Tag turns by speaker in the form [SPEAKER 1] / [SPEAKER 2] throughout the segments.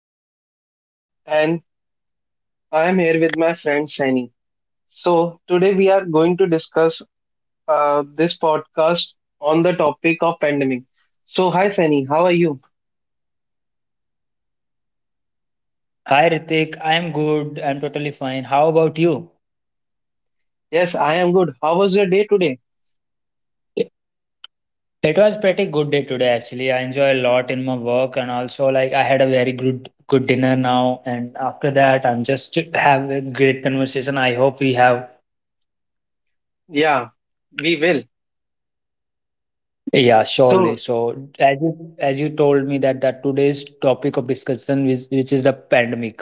[SPEAKER 1] is Ritik and I am here with my friend Shani. So, today we are going to discuss this podcast on the topic of pandemic. So, hi Shani, how are you?
[SPEAKER 2] Hi Ritik, I'm good. I'm totally fine. How about you?
[SPEAKER 1] Yes, I am good. How was your day today?
[SPEAKER 2] It was pretty good day today actually. I enjoy a lot in my work and also like I had a very good dinner now, and after that I'm just have a great conversation. I hope we have
[SPEAKER 1] Yeah, we will.
[SPEAKER 2] yeah, surely.
[SPEAKER 1] So,
[SPEAKER 2] So as you told me that today's topic of discussion is which is the pandemic,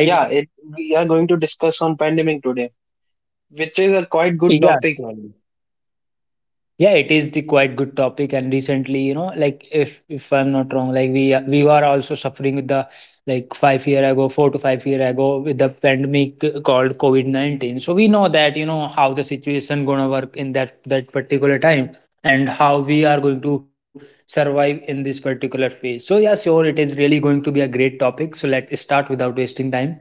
[SPEAKER 1] yeah, we are going to discuss on pandemic today, which is a quite good
[SPEAKER 2] Yeah,
[SPEAKER 1] topic.
[SPEAKER 2] surely. Yeah, it is the quite good topic. And recently, you know, like if I'm not wrong, like we were also suffering with the like 5 years ago, 4 to 5 years ago, with the pandemic called COVID 19. So we know that you know how the situation gonna work in that particular time, and how we are going to survive in this particular phase. So yeah, sure, it is really going to be a great topic. So let's start without wasting time.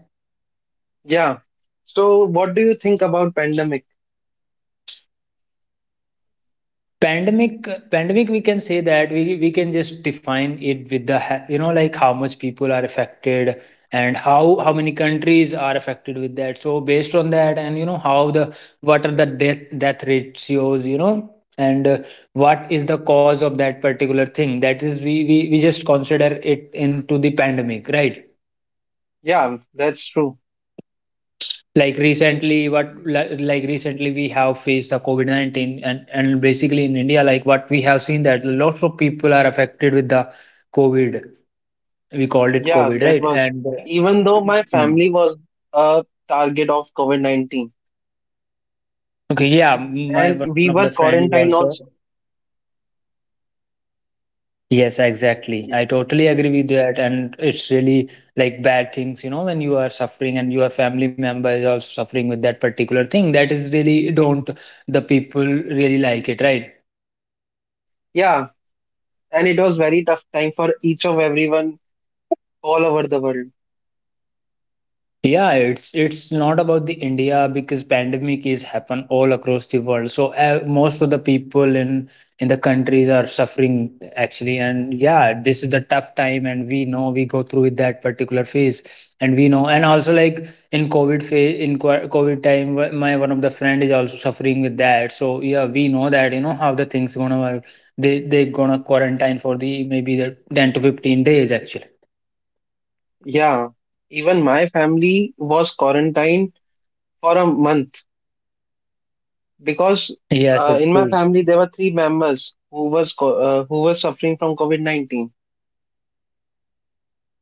[SPEAKER 1] Yeah. So, what do you think about pandemic?
[SPEAKER 2] Pandemic we can say that we can just define it with the you know like how much people are affected, and how many countries are affected with that. So based on that, and you know how the, what are the death ratios, you know, and what is the cause of that particular thing, that is we just consider it into the pandemic, right?
[SPEAKER 1] Yeah, that's true.
[SPEAKER 2] Like recently what, like recently we have faced the covid-19, and basically in india, like what we have seen that lots of people are affected with the covid. We called it
[SPEAKER 1] Yeah,
[SPEAKER 2] covid,
[SPEAKER 1] that
[SPEAKER 2] right?
[SPEAKER 1] was
[SPEAKER 2] And
[SPEAKER 1] even though my
[SPEAKER 2] mm.
[SPEAKER 1] family was a target of COVID-19
[SPEAKER 2] Okay, yeah. My
[SPEAKER 1] and
[SPEAKER 2] one of
[SPEAKER 1] we
[SPEAKER 2] the
[SPEAKER 1] were
[SPEAKER 2] friend is
[SPEAKER 1] quarantined
[SPEAKER 2] also,
[SPEAKER 1] also.
[SPEAKER 2] yes exactly, I totally agree with that, and it's really like bad things, you know, when you are suffering and your family member is also suffering with that particular thing, that is really don't, the people really like it, right?
[SPEAKER 1] Yeah, and it was very tough time for each of everyone all over the world.
[SPEAKER 2] Yeah, it's not about the India because pandemic is happen all across the world. So most of the people in the countries are suffering actually, and yeah, this is the tough time, and we know we go through with that particular phase, and we know, and also like in COVID phase, COVID time, my one of the friend is also suffering with that. So yeah, we know that you know how the things gonna work. They gonna quarantine for the maybe the 10 to 15 days actually.
[SPEAKER 1] Yeah, even my family was quarantined for a month because
[SPEAKER 2] Yes, it
[SPEAKER 1] in my
[SPEAKER 2] is.
[SPEAKER 1] family there were three members who was suffering from COVID-19.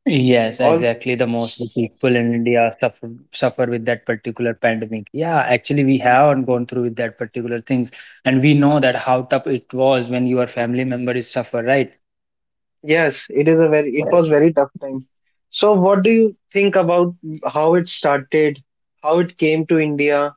[SPEAKER 2] Yes,
[SPEAKER 1] All
[SPEAKER 2] exactly. The most of people in India suffer with that particular pandemic. Yeah, actually, we have gone through with that particular things, and we know that how tough it was when your family member is suffer, right?
[SPEAKER 1] Yes, it was very tough time. So what do you think about how it started, how it came to India?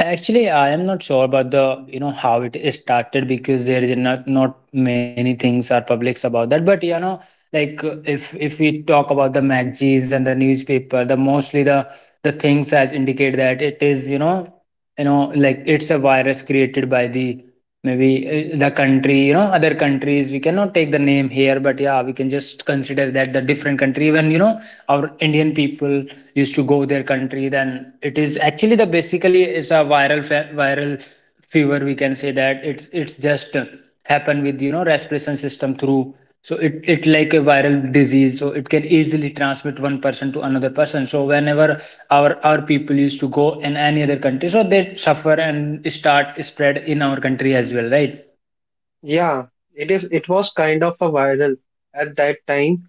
[SPEAKER 2] Actually, I am not sure about the, you know, how it is started, because there is not many things are publics about that. But you know, like if we talk about the magazines and the newspaper, the mostly the things as indicate that it is, you know, you know, like it's a virus created by the maybe, the country, you know, other countries, we cannot take the name here, but yeah, we can just consider that the different country. Even, you know, our indian people used to go their country, then it is actually the, basically is a viral fever, we can say that. It's just happen with, you know, respiration system through. So it like a viral disease, so it can easily transmit one person to another person. So whenever our people used to go in any other country, so they suffer and start spread in our country as well, right?
[SPEAKER 1] Yeah, it was kind of a viral at that time.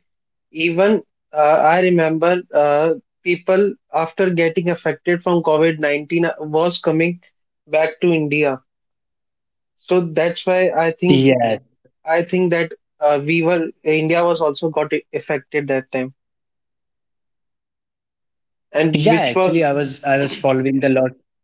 [SPEAKER 1] Even I remember people after getting affected from COVID-19 was coming back to India. So that's why I think
[SPEAKER 2] Yeah.
[SPEAKER 1] I think that we were India was also got affected that time.
[SPEAKER 2] Yeah
[SPEAKER 1] And
[SPEAKER 2] actually, i
[SPEAKER 1] which
[SPEAKER 2] was
[SPEAKER 1] was
[SPEAKER 2] i was following the lot,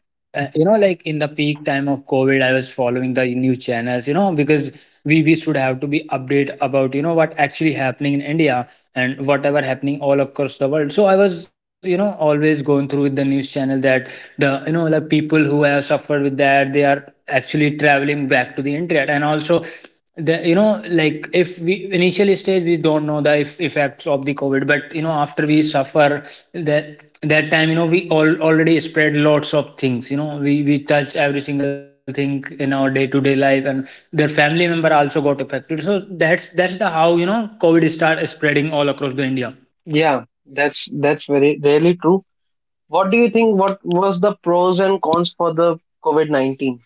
[SPEAKER 2] you know, like in the peak time of covid, I was following the news channels, you know, because we should have to be update about, you know, what actually happening in india, and whatever happening all across the world. So I was, you know, always going through with the news channel that the, you know, like people who have suffered with that, they are actually traveling back to the internet. And also the, you know, like if we initial stage, we don't know the if, effects of the covid. But you know, after we suffer that, that time, you know, we all already spread lots of things, you know, we touched every single thing in our day to day life, and their family member also got affected. So that's the how, you know, covid start spreading all across the india.
[SPEAKER 1] Yeah, that's very really true. What do you think? What was the pros and cons for the COVID 19?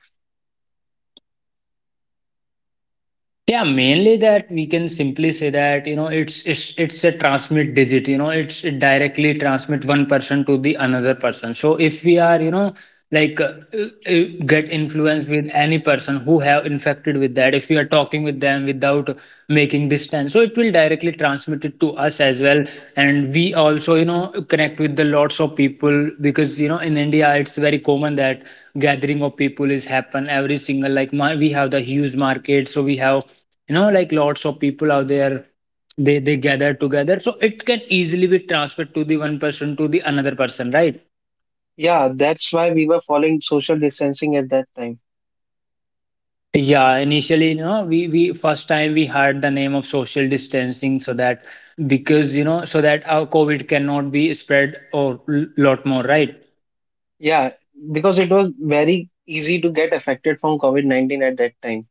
[SPEAKER 2] Yeah, mainly that we can simply say that, you know, it's a transmit digit. You know, it's it directly transmit one person to the another person. So if we are, you know, like get influenced with any person who have infected with that, if we are talking with them without making distance, so it will directly transmit it to us as well. And we also, you know, connect with the lots of people, because you know in India it's very common that gathering of people is happen every single, we have the huge market, so we have, you know, like lots of people out there. They gather together, so it can easily be transferred to the one person to the another person, right?
[SPEAKER 1] Yeah, that's why we were following social distancing at that time.
[SPEAKER 2] Yeah initially, you know, we first time we heard the name of social distancing. So that, because you know, so that our covid cannot be spread or lot more, right?
[SPEAKER 1] Yeah, because it was very easy to get affected from COVID 19 at that time.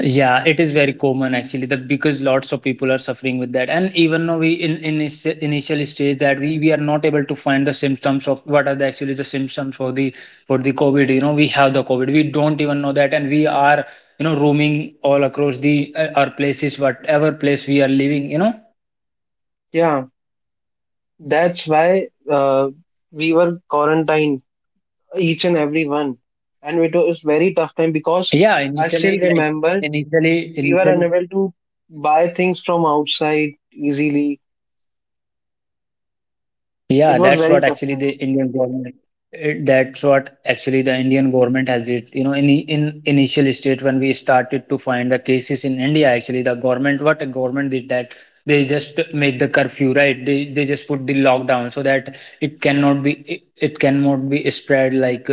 [SPEAKER 2] Yeah, it is very common actually, that because lots of people are suffering with that, and even though we in initial stage that we are not able to find the symptoms of what are the actually the symptoms for the, for the COVID. You know, we have the COVID, we don't even know that, and we are, you know, roaming all across the our places, whatever place we are living. You know,
[SPEAKER 1] Yeah, that's why we were quarantined, each and every one. And it was very tough time because
[SPEAKER 2] yeah,
[SPEAKER 1] I
[SPEAKER 2] initially
[SPEAKER 1] still
[SPEAKER 2] like
[SPEAKER 1] remember
[SPEAKER 2] initially
[SPEAKER 1] we
[SPEAKER 2] initially
[SPEAKER 1] were unable to buy things from outside easily. It
[SPEAKER 2] Yeah,
[SPEAKER 1] was
[SPEAKER 2] that's
[SPEAKER 1] very
[SPEAKER 2] what
[SPEAKER 1] tough
[SPEAKER 2] actually the
[SPEAKER 1] time.
[SPEAKER 2] Indian government. It, that's what actually the Indian government has it. You know, in initial stage when we started to find the cases in India, actually the government, what the government did, that they just make the curfew, right? They just put the lockdown so that it cannot be it, it cannot be spread like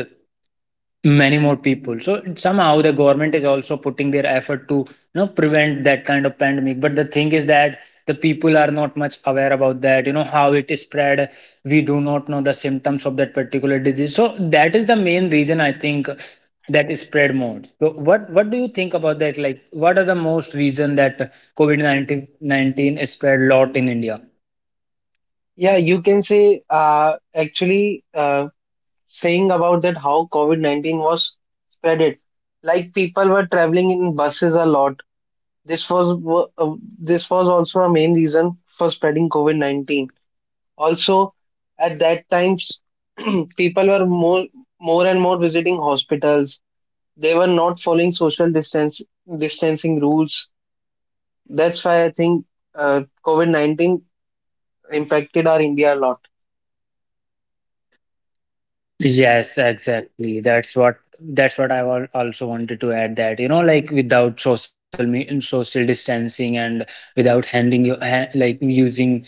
[SPEAKER 2] many more people. So somehow the government is also putting their effort to, you know, prevent that kind of pandemic. But the thing is that the people are not much aware about that, you know, how it is spread. We do not know the symptoms of that particular disease, so that is the main reason I think that is spread more. So what do you think about that, like what are the most reason that covid-19 is spread a lot in india?
[SPEAKER 1] Yeah, you can say actually saying about that how COVID 19 was spreaded. Like people were traveling in buses a lot. This was wo- uh, this was also a main reason for spreading COVID 19. Also, at that times, people were more and more visiting hospitals. They were not following social distance distancing rules. That's why I think COVID 19 impacted our India a lot.
[SPEAKER 2] Yes, exactly. That's what, that's what I also wanted to add, that you know like without social distancing, and without handing your hand, like using,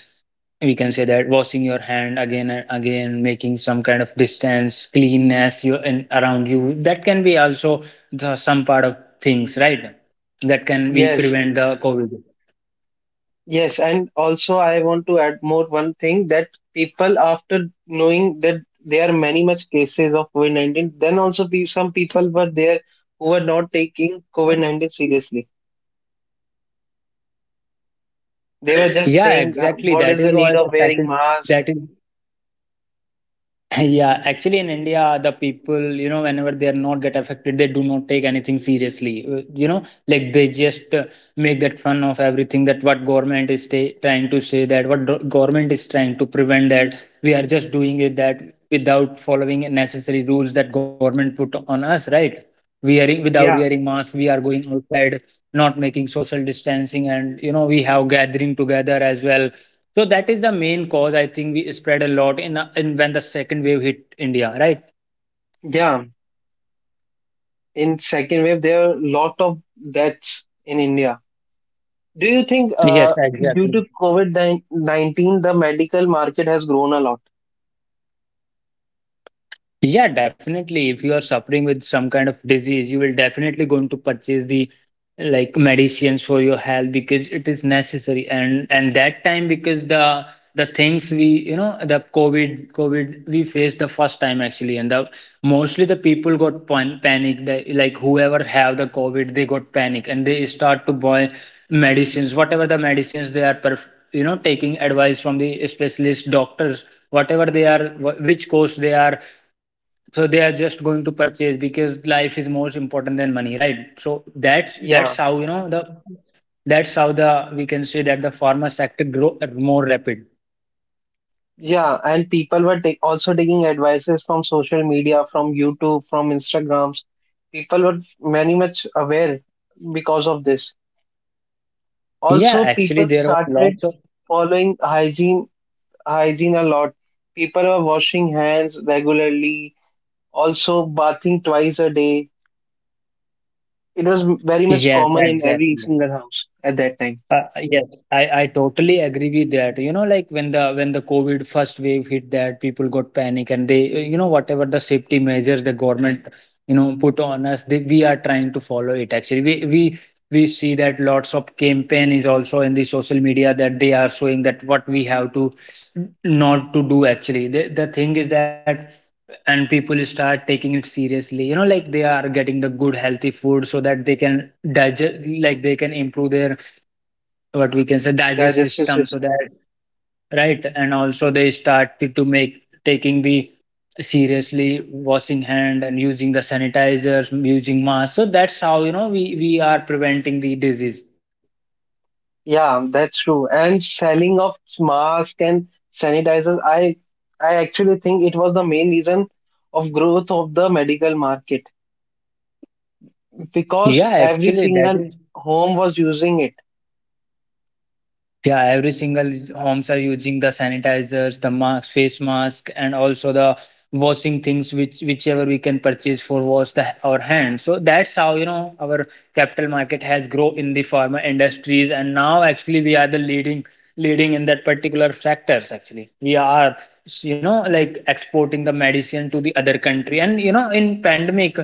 [SPEAKER 2] we can say that, washing your hand again and again, making some kind of distance, cleanness you in around you, that can be also the some part of things, right? That can we
[SPEAKER 1] Yes.
[SPEAKER 2] prevent the covid.
[SPEAKER 1] Yes, and also I want to add more one thing that people after knowing that there are many much cases of COVID-19, then also be some people were there who were not taking COVID-19 seriously.
[SPEAKER 2] Yeah
[SPEAKER 1] They were just
[SPEAKER 2] exactly, that
[SPEAKER 1] saying,
[SPEAKER 2] is what the
[SPEAKER 1] "What is the
[SPEAKER 2] second,
[SPEAKER 1] need of
[SPEAKER 2] that
[SPEAKER 1] wearing
[SPEAKER 2] is.
[SPEAKER 1] mask?"
[SPEAKER 2] Yeah, actually in India, the people, you know, whenever they are not get affected, they do not take anything seriously. You know, like they just make that fun of everything, that what government is ta trying to say, that what government is trying to prevent, that we are just doing it. That without following necessary rules that government put on us, right? We are without
[SPEAKER 1] Yeah,
[SPEAKER 2] wearing masks, we are going outside, not making social distancing, and you know, we have gathering together as well. So that is the main cause I think we spread a lot in when the second wave hit India, right?
[SPEAKER 1] yeah. In second wave, there are lot of deaths in India. Do you think,
[SPEAKER 2] Yes,
[SPEAKER 1] due
[SPEAKER 2] exactly.
[SPEAKER 1] to COVID-19, the medical market has grown a lot?
[SPEAKER 2] Yeah, definitely. If you are suffering with some kind of disease, you will definitely going to purchase the like medicines for your health, because it is necessary. And that time, because the things we, you know, the COVID we faced the first time actually, and the mostly the people got panic. The like whoever have the COVID, they got panic and they start to buy medicines, whatever the medicines they are you know, taking advice from the specialist doctors, whatever they are which course they are. So they are just going to purchase, because life is more important than money, right? So that's how,
[SPEAKER 1] Yeah.
[SPEAKER 2] you know, the, that's how the, we can say that the pharma sector grow more rapid.
[SPEAKER 1] Yeah, and people were also taking advices from social media, from YouTube, from Instagrams. People were very much aware because of this.
[SPEAKER 2] Yeah
[SPEAKER 1] Also,
[SPEAKER 2] actually,
[SPEAKER 1] people
[SPEAKER 2] there were lots
[SPEAKER 1] started
[SPEAKER 2] of,
[SPEAKER 1] following hygiene a lot. People were washing hands regularly, also bathing twice a day. It was very much
[SPEAKER 2] yes
[SPEAKER 1] common in every
[SPEAKER 2] exactly.
[SPEAKER 1] single house at that time.
[SPEAKER 2] Yes, I totally agree with that. You know, like when the COVID first wave hit, that people got panic and they, you know, whatever the safety measures the government, you know, put on us, they we are trying to follow it. Actually, we see that lots of campaign is also in the social media that they are showing that what we have to not to do. Actually, the thing is that and people start taking it seriously, you know, like they are getting the good healthy food so that they can digest, like they can improve their, what we can say, digest
[SPEAKER 1] Digestive
[SPEAKER 2] system so
[SPEAKER 1] system.
[SPEAKER 2] that right. And also they started to make taking the seriously washing hand and using the sanitizers, using masks. So that's how, you know, we are preventing the disease.
[SPEAKER 1] Yeah, that's true. And selling of masks and sanitizers, I actually think it was the main reason of growth of the medical market because
[SPEAKER 2] yeah
[SPEAKER 1] every
[SPEAKER 2] actually that
[SPEAKER 1] single
[SPEAKER 2] is
[SPEAKER 1] home was using it.
[SPEAKER 2] Yeah, every single homes are using the sanitizers, the mask, face mask, and also the washing things, which whichever we can purchase for wash the our hands. So that's how, you know, our capital market has grown in the pharma industries, and now actually we are the leading in that particular sectors. Actually, we are, you know, like exporting the medicine to the other country, and you know, in pandemic.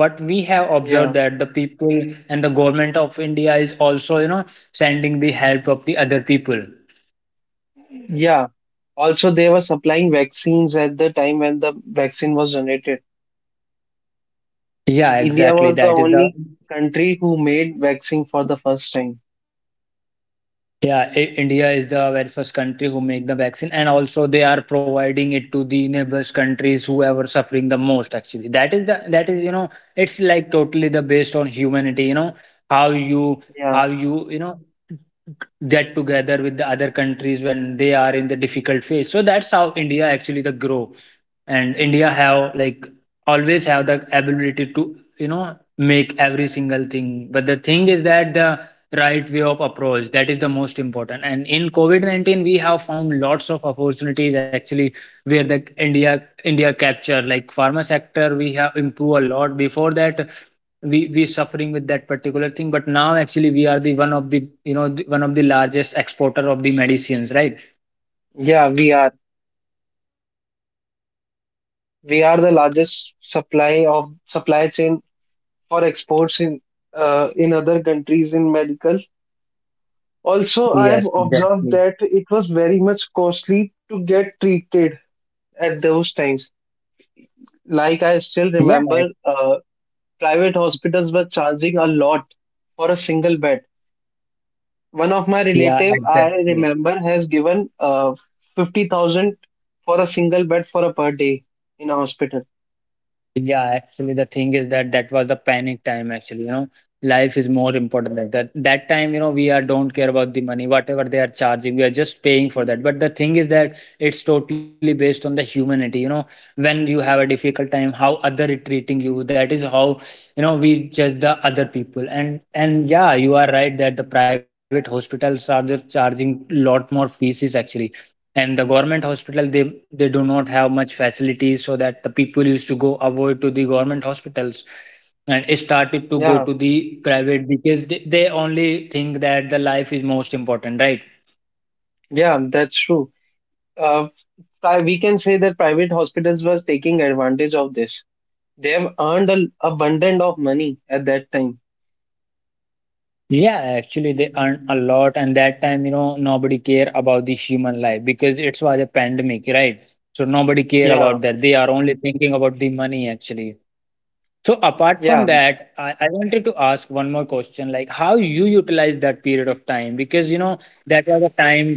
[SPEAKER 2] What we have observed
[SPEAKER 1] Yeah.
[SPEAKER 2] that the people and the government of India is also, you know, sending the help of the other people.
[SPEAKER 1] Yeah. Also, they were supplying vaccines at the time when the vaccine was generated.
[SPEAKER 2] Yeah,
[SPEAKER 1] India was
[SPEAKER 2] exactly,
[SPEAKER 1] the
[SPEAKER 2] that is
[SPEAKER 1] only
[SPEAKER 2] the.
[SPEAKER 1] country who made vaccine for the first time.
[SPEAKER 2] Yeah, India is the very first country who make the vaccine, and also they are providing it to the neighbors countries whoever suffering the most. Actually, that is the, that is, you know, it's like totally the based on humanity. You know, how you,
[SPEAKER 1] Yeah.
[SPEAKER 2] how you, you know, get together with the other countries when they are in the difficult phase. So that's how india actually the grow, and india have like always have the ability to, you know, make every single thing. But the thing is that the right way of approach, that is the most important. And in covid-19 we have found lots of opportunities, actually, where the india capture, like pharma sector we have improved a lot. Before that, we suffering with that particular thing, but now actually we are the one of the, you know, the, one of the largest exporter of the medicines, right?
[SPEAKER 1] Yeah, we are. We are the largest supply chain for exports in other countries in medical. Also, I have
[SPEAKER 2] Yes,
[SPEAKER 1] observed
[SPEAKER 2] exactly.
[SPEAKER 1] that it was very much costly to get treated at those times. Like I still
[SPEAKER 2] Yeah, ex-,
[SPEAKER 1] remember, uh, private hospitals were charging a lot for a single bed. One of my
[SPEAKER 2] yeah,
[SPEAKER 1] relative, I
[SPEAKER 2] exactly.
[SPEAKER 1] remember, has given 50,000 for a single bed for a per day in a hospital.
[SPEAKER 2] Yeah, actually, the thing is that that was the panic time. Actually, you know, life is more important than that. That time, you know, we are don't care about the money, whatever they are charging, we are just paying for that. But the thing is that it's totally based on the humanity. You know, when you have a difficult time, how other is treating you, that is how, you know, we judge the other people. And yeah, you are right that the private hospitals are just charging lot more fees, actually, and the government hospital, they do not have much facilities so that the people used to go avoid to the government hospitals and started to go
[SPEAKER 1] Yeah,
[SPEAKER 2] to the private because they only think that the life is most important, right?
[SPEAKER 1] yeah, that's true. Uh, we can say that private hospitals were taking advantage of this. They have earned an abundant of money at that time.
[SPEAKER 2] Yeah, actually they earn a lot, and that time, you know, nobody care about the human life because it was a pandemic, right? So nobody care
[SPEAKER 1] Yeah,
[SPEAKER 2] about that, they are only thinking about the money, actually. So apart from
[SPEAKER 1] yeah,
[SPEAKER 2] that, I wanted to ask one more question, like how you utilize that period of time, because you know that was a time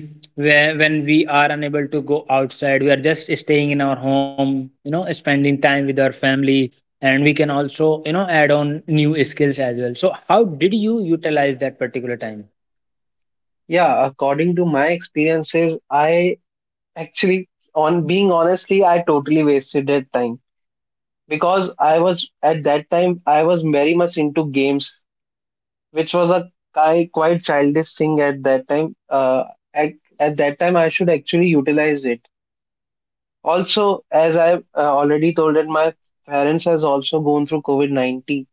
[SPEAKER 2] where when we are unable to go outside, we are just staying in our home, you know, spending time with our family, and we can also, you know, add on new skills as well. So how did you utilize that particular time?
[SPEAKER 1] yeah. According to my experiences, I, actually, on being honestly, I totally wasted that time because I was at that time I was very much into games, which was a quite childish thing at that time. At, at that time, I should actually utilize it. Also, as I've already told it, my parents has also gone through COVID-19.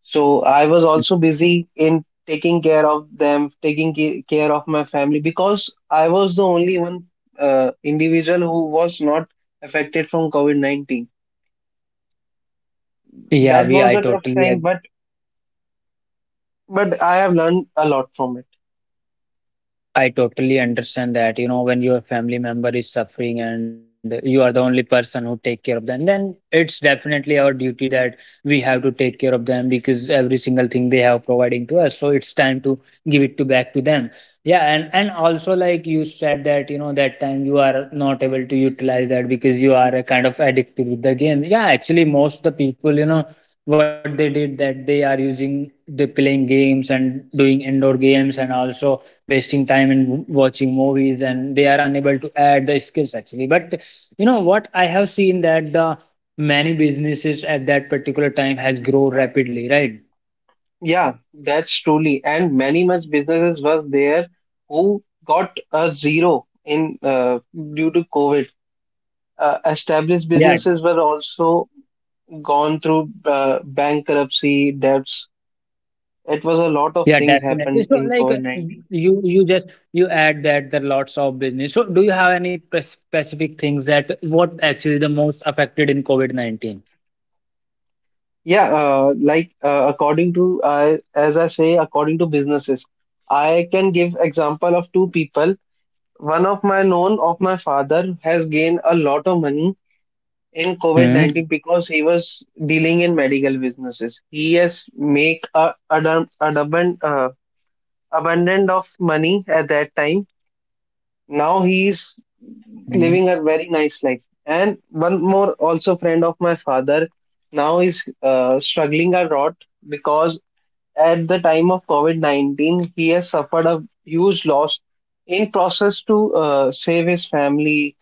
[SPEAKER 1] So I was also busy in taking care of them, taking care of my family because I was the only one individual who was not affected from COVID-19.
[SPEAKER 2] Yeah,
[SPEAKER 1] That
[SPEAKER 2] we
[SPEAKER 1] was
[SPEAKER 2] I
[SPEAKER 1] a tough
[SPEAKER 2] totally
[SPEAKER 1] time,
[SPEAKER 2] agree.
[SPEAKER 1] but I have learned a lot from it.
[SPEAKER 2] I totally understand that, you know, when your family member is suffering and you are the only person who take care of them, then it's definitely our duty that we have to take care of them because every single thing they have providing to us. So it's time to give it to back to them. Yeah, and also like you said that, you know, that time you are not able to utilize that because you are a kind of addicted with the game. Yeah, actually most the people, you know, what they did that they are using the playing games and doing indoor games and also wasting time in watching movies, and they are unable to add the skills, actually. But you know what I have seen, that the many businesses at that particular time has grown rapidly, right?
[SPEAKER 1] Yeah, that's truly. And many much businesses was there who got a zero in due to COVID. Established
[SPEAKER 2] Yeah.
[SPEAKER 1] businesses were also gone through bankruptcy, debts. It was a lot of
[SPEAKER 2] Yeah,
[SPEAKER 1] things
[SPEAKER 2] definitely.
[SPEAKER 1] happened
[SPEAKER 2] So,
[SPEAKER 1] in
[SPEAKER 2] like,
[SPEAKER 1] COVID-19.
[SPEAKER 2] you just you add that there are lots of business. So do you have any pre- specific things that what actually the most affected in covid-19?
[SPEAKER 1] Yeah, like according to as I say, according to businesses, I can give example of two people. One of my known of my father has gained a lot of money in COVID-19 because he was dealing in medical businesses. He has make a abundant of money at that time. Now he's living a very nice life. And one more also friend of my father now is struggling a lot because at the time of COVID-19 he has suffered a huge loss in process to save his family.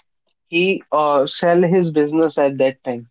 [SPEAKER 1] He sell his business at that time.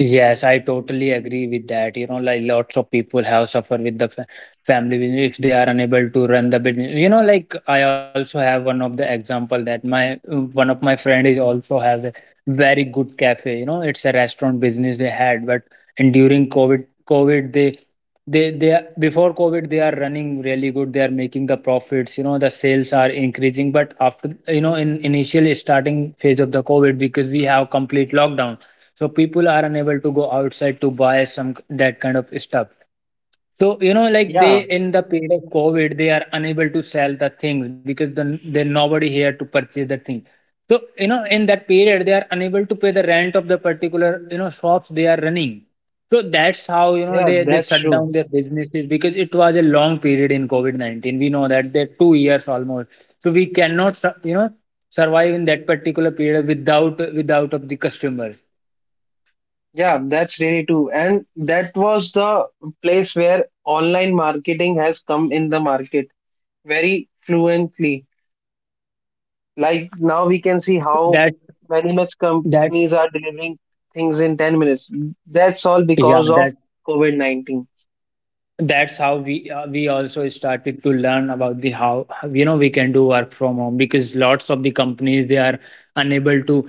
[SPEAKER 2] Yes, I totally agree with that. You know, like lots of people have suffered with the fa- family business if they are unable to run the business. You know, like I also have one of the example that my one of my friend is also have a very good cafe. You know, it's a restaurant business they had, but and during COVID, COVID they are, before COVID they are running really good. They are making the profits. You know, the sales are increasing, but after, you know, in initial starting phase of the COVID, because we have complete lockdown, so people are unable to go outside to buy some that kind of stuff. So, you know, like they,
[SPEAKER 1] Yeah,
[SPEAKER 2] in the period of covid, they are unable to sell the things because then there nobody here to purchase the thing. So, you know, in that period they are unable to pay the rent of the particular, you know, shops they are running. So that's how, you know,
[SPEAKER 1] yeah,
[SPEAKER 2] they
[SPEAKER 1] that's
[SPEAKER 2] shut
[SPEAKER 1] true.
[SPEAKER 2] down their businesses because it was a long period in covid-19, we know that they're 2 years almost, so we cannot sur-, you know, survive in that particular period without of the customers.
[SPEAKER 1] Yeah, that's really true. And that was the place where online marketing has come in the market very fluently. Like now we
[SPEAKER 2] yeah
[SPEAKER 1] can see
[SPEAKER 2] that
[SPEAKER 1] how
[SPEAKER 2] that
[SPEAKER 1] many much
[SPEAKER 2] that
[SPEAKER 1] companies are delivering things in 10 minutes. That's all
[SPEAKER 2] Yeah,
[SPEAKER 1] because of
[SPEAKER 2] that
[SPEAKER 1] COVID-19.
[SPEAKER 2] that's how we, we also started to learn about the how, you know, we can do work from home because lots of the companies they are unable to,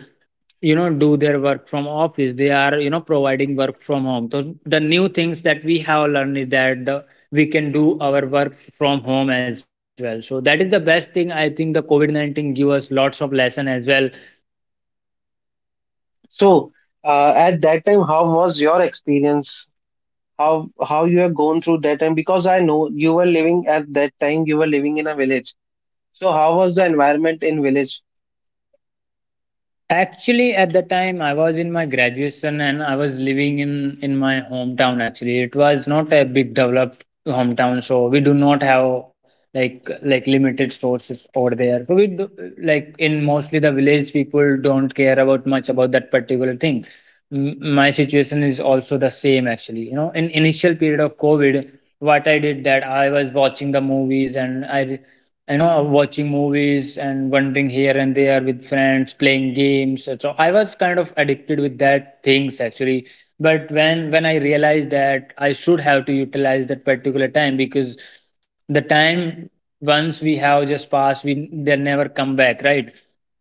[SPEAKER 2] you know, do their work from office, they are, you know, providing work from home. So the new things that we have learned is that the we can do our work from home as well. So that is the best thing, I think, the covid-19 give us lots of lesson as well.
[SPEAKER 1] So at that time, how was your experience? How you have gone through that time? Because I know you were living at that time, you were living in a village. So how was the environment in village?
[SPEAKER 2] Actually, at the time I was in my graduation and I was living in my hometown actually. It was not a big developed hometown, so we do not have like, limited sources over there. So we do, like in mostly the village people don't care about much about that particular thing. My situation is also the same, actually. You know, in initial period of COVID, what I did that I was watching the movies and I, you know, watching movies and wandering here and there with friends, playing games. So I was kind of addicted with that things, actually. But when I realized that I should have to utilize that particular time, because the time once we have just passed, we they never come back, right?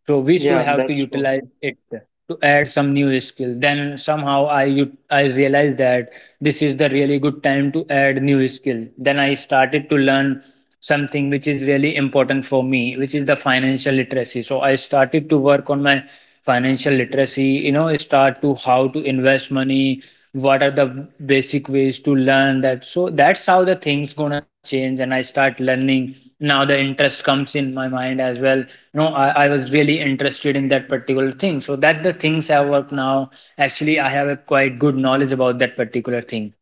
[SPEAKER 2] So we should
[SPEAKER 1] Yeah,
[SPEAKER 2] have to
[SPEAKER 1] that's true.
[SPEAKER 2] utilize it to add some new skill. Then somehow I ut-, I realized that this is the really good time to add new skill. Then I started to learn something which is really important for me, which is the financial literacy. So I started to work on my financial literacy, you know, start to how to invest money, what are the basic ways to learn that. So that's how the things gonna change, and I start learning. Now the interest comes in my mind as well, you know. I was really interested in that particular thing, so that the things I work now. Actually, I have a quite good knowledge about that particular thing.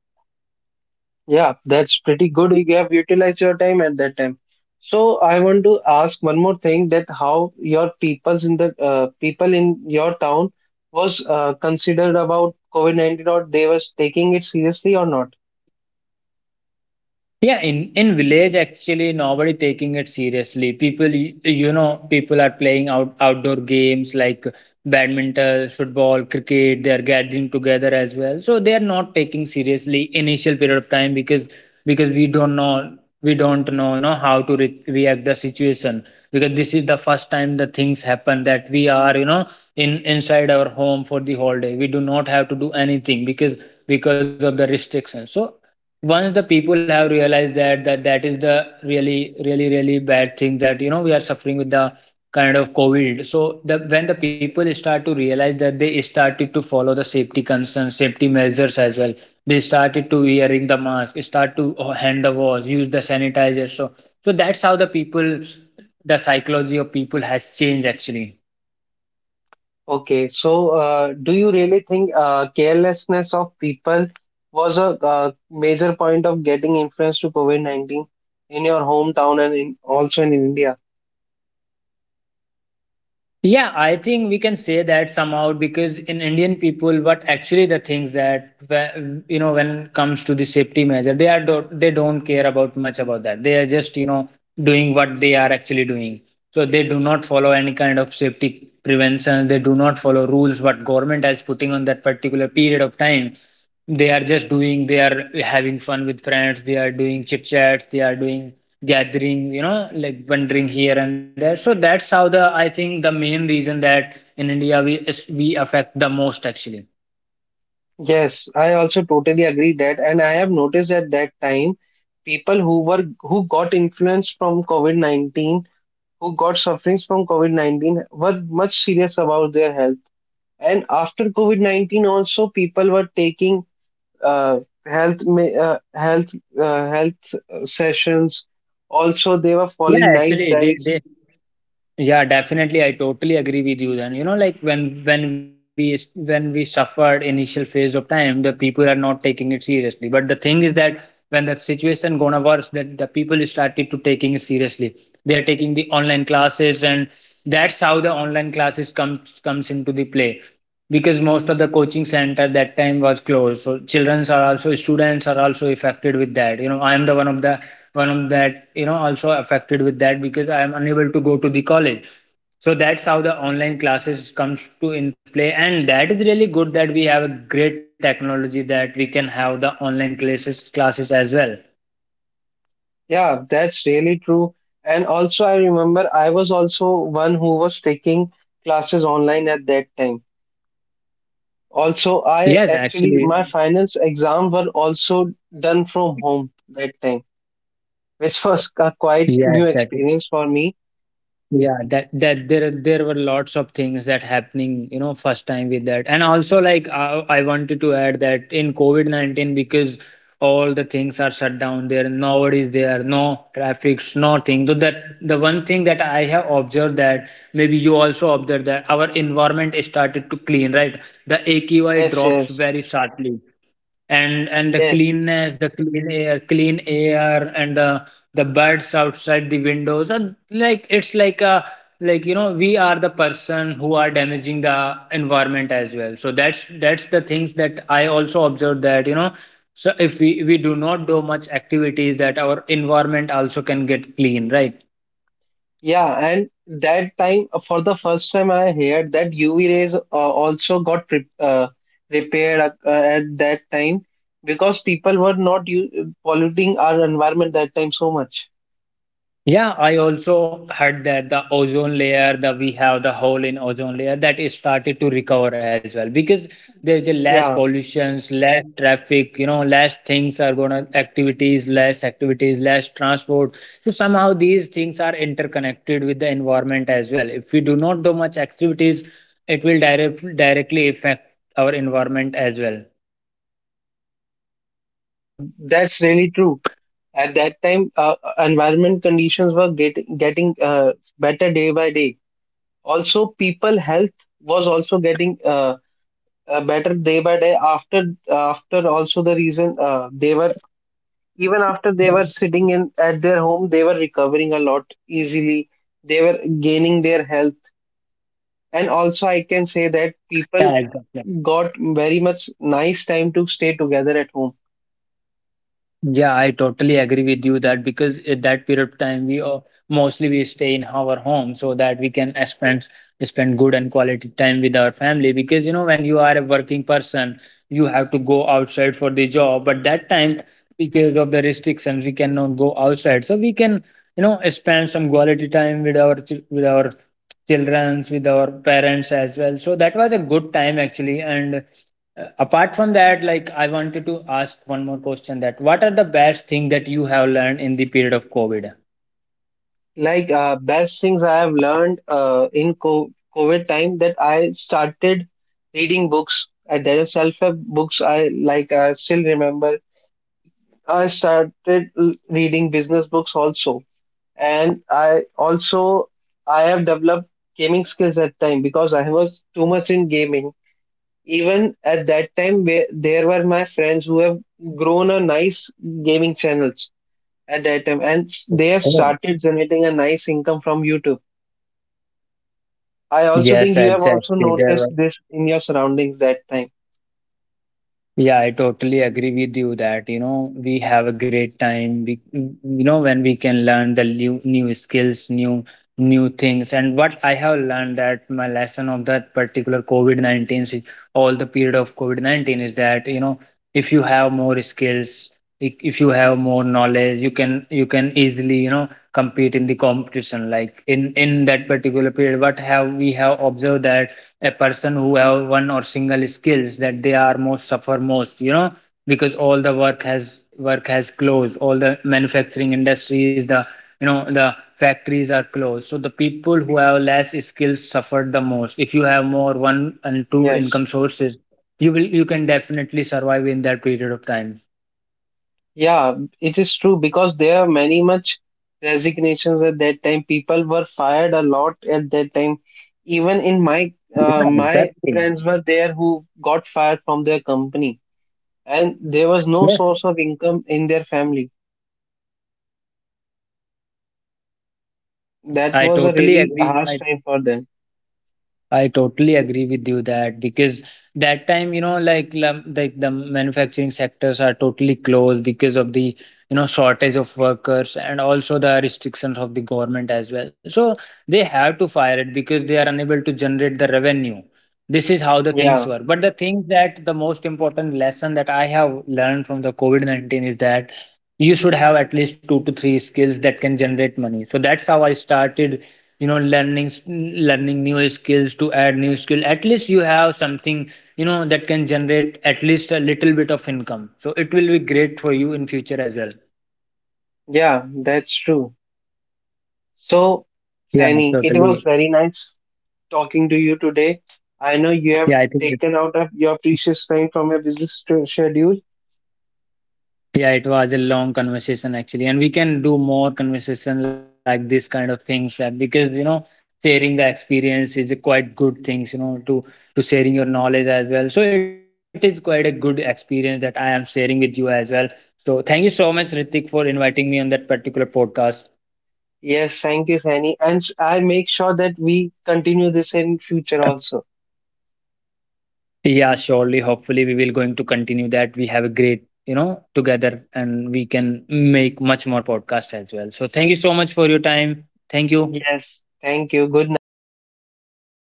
[SPEAKER 1] Yeah, that's pretty good. You have utilized your time at that time. So I want to ask one more thing that how your peoples in the people in your town was considered about COVID-19 or they was taking it seriously or not?
[SPEAKER 2] Yeah, in village actually nobody taking it seriously. People, you know, people are playing out outdoor games like badminton, football, cricket. They are gathering together as well, so they are not taking seriously initial period of time, because we don't know, you know, how to re- react the situation, because this is the first time the things happen that we are, you know, in inside our home for the whole day. We do not have to do anything because of the restrictions. So once the people have realized that that is the really bad thing that we are suffering with the kind of covid. So the when the people start to realize that, they started to follow the safety concerns, safety measures as well. They started to wearing the mask, start to hand the wash, use the sanitizer. So that's how the psychology of people has changed actually.
[SPEAKER 1] Okay, so do you really think carelessness of people was a major point of getting influence to COVID-19 in your hometown and also in India?
[SPEAKER 2] Yeah, I think we can say that somehow because in Indian people, what actually the things that you know, when it comes to the safety measure, they are do they don't care about much about that. They are just, you know, doing what they are actually doing. So they do not follow any kind of safety prevention. They do not follow rules what government has putting on that particular period of time. They are just doing. They are having fun with friends. They are doing chit chats. They are doing gathering, you know, like wandering here and there. So that's how the, I think, the main reason that in india we affect the most actually.
[SPEAKER 1] Yes, I also totally agree that, and I have noticed at that time people who got influenced from COVID-19, who got sufferings from COVID-19, were much serious about their health. And after COVID-19, also people were taking uh, health ma- health health sessions. Also, they were
[SPEAKER 2] Yeah,
[SPEAKER 1] following nice
[SPEAKER 2] actually, they,
[SPEAKER 1] diets.
[SPEAKER 2] they yeah, definitely. I totally agree with you then. You know, like when when we suffered initial phase of time, the people are not taking it seriously. But the thing is that when the situation gonna worse, that the people started to taking it seriously. They are taking the online classes, and that's how the online classes comes into the play. Because most of the coaching center that time was closed, so childrens are also, students are also affected with that. You know, I am the one of that, you know, also affected with that because I am unable to go to the college. So that's how the online classes comes to in play, and that is really good that we have a great technology that we can have the online classes as well.
[SPEAKER 1] Yeah, that's really true. And also, I remember I was also one who was taking classes online at that time. Also,
[SPEAKER 2] Yes,
[SPEAKER 1] I,
[SPEAKER 2] actually.
[SPEAKER 1] actually, my finance exam were also done from home that time, which was a quite
[SPEAKER 2] Yes
[SPEAKER 1] new
[SPEAKER 2] that,
[SPEAKER 1] experience for me.
[SPEAKER 2] yeah, that there were lots of things that happening, you know, first time with that. And also, like I wanted to add that in covid-19 because all the things are shut down there, nobody is there, no traffics, nothing. So that the one thing that I have observed that, maybe you also observed, that our environment started to clean, right? The aqi
[SPEAKER 1] Yes,
[SPEAKER 2] drops
[SPEAKER 1] yes,
[SPEAKER 2] very sharply. And the
[SPEAKER 1] yes.
[SPEAKER 2] cleanness, the clean air, and the birds outside the windows, and like it's like a, like, you know, we are the person who are damaging the environment as well. So that's the things that I also observed that, you know, so if we do not do much activities, that our environment also can get clean, right?
[SPEAKER 1] Yeah, and that time for the first time I heard that UV rays also got pre repaired at that time because people were not u polluting our environment that time so much.
[SPEAKER 2] Yeah, I also heard that the ozone layer, that we have the hole in ozone layer, that is started to recover as well because there's a less
[SPEAKER 1] Yeah,
[SPEAKER 2] pollutions, less traffic, you know, less things are gonna activities, less transport. So somehow these things are interconnected with the environment as well. If we do not do much activities, it will directly affect our environment as well.
[SPEAKER 1] yeah, that's really true. At that time, environment conditions were getting better day by day. Also, people health was also getting better day by day. After, also, the reason they were even after they were sitting in at their home, they were recovering a lot easily. They were gaining their health, and also I can say
[SPEAKER 2] Yeah,
[SPEAKER 1] that
[SPEAKER 2] exactly.
[SPEAKER 1] people got very much nice time to stay together at home.
[SPEAKER 2] Yeah, I totally agree with you that, because at that period of time, we are mostly we stay in our home so that we can spend good and quality time with our family, because you know, when you are a working person, you have to go outside for the job. But that time, because of the restrictions, we cannot go outside, so we can, you know, spend some quality time with our with our childrens, with our parents as well. So that was a good time actually. And apart from that, like I wanted to ask one more question, that what are the best thing that you have learned in the period of covid.
[SPEAKER 1] Like best things I have learned in COVID time that I started reading books. And there are self-help books I like. I still remember. I started reading business books also, and I have developed gaming skills at time because I was too much in gaming. Even at that time, where there were my friends who have grown a nice gaming channels at that time, and they have
[SPEAKER 2] Okay.
[SPEAKER 1] started generating a nice income from YouTube. I also
[SPEAKER 2] Yes,
[SPEAKER 1] think you have also
[SPEAKER 2] exactly, there
[SPEAKER 1] noticed
[SPEAKER 2] were.
[SPEAKER 1] this in your surroundings that time.
[SPEAKER 2] Yeah, I totally agree with you that, you know, we have a great time. We, you know, when we can learn the new skills, new things. And what I have learned, that my lesson of that particular COVID-19, all the period of COVID-19 is that, you know, if you have more skills, if you have more knowledge, you can easily, you know, compete in the competition. Like in that particular period, what have we have observed that a person who have one or single skills, that they are most, you know, because all the work has closed, all the manufacturing industries, the, you know, the factories are closed. So the people who have less skills suffered the most. If you have more, one and two
[SPEAKER 1] Yes.
[SPEAKER 2] income sources, you can definitely survive in that period of time.
[SPEAKER 1] Yeah, it is true because there are many much resignations at that time. People were fired a lot at that time. Even in my uh,
[SPEAKER 2] Yeah,
[SPEAKER 1] my
[SPEAKER 2] exactly.
[SPEAKER 1] friends were there who got fired from their company and there was no
[SPEAKER 2] Yes.
[SPEAKER 1] source of income in their family. That
[SPEAKER 2] i
[SPEAKER 1] was a
[SPEAKER 2] totally
[SPEAKER 1] really
[SPEAKER 2] agree
[SPEAKER 1] harsh
[SPEAKER 2] i
[SPEAKER 1] time for them.
[SPEAKER 2] I totally agree with you that because that time, you know, like like the manufacturing sectors are totally closed because of the, you know, shortage of workers and also the restrictions of the government as well. So they have to fire it because they are unable to generate the revenue. This is how the things
[SPEAKER 1] Yeah.
[SPEAKER 2] were. But the thing that the most important lesson that I have learned from the COVID 19 is that you should have at least 2 to 3 skills that can generate money. So that's how I started, you know, learning new skills, to add new skill, at least you have something, you know, that can generate at least a little bit of income. So it will be great for you in future as well.
[SPEAKER 1] Yeah, that's true. So,
[SPEAKER 2] Yeah,
[SPEAKER 1] Fanny, it was
[SPEAKER 2] totally.
[SPEAKER 1] very nice talking to you today. I know you have
[SPEAKER 2] Yeah I think that
[SPEAKER 1] taken out of your precious time from your business schedule.
[SPEAKER 2] Yeah, it was a long conversation actually, and we can do more conversation like this kind of things. That because you know, sharing the experience is a quite good things, you know, to sharing your knowledge as well. So it is quite a good experience that I am sharing with you as well. So thank you so much, Ritik, for inviting me on that particular podcast.
[SPEAKER 1] Yes, thank you, Sani. And I make sure that we continue this in future also.
[SPEAKER 2] Yeah, surely. Hopefully, we will going to continue that. We have a great, you know, together, and we can make much more podcast as well. So thank you so much for your time. Thank you.
[SPEAKER 1] Yes, thank you. Good night.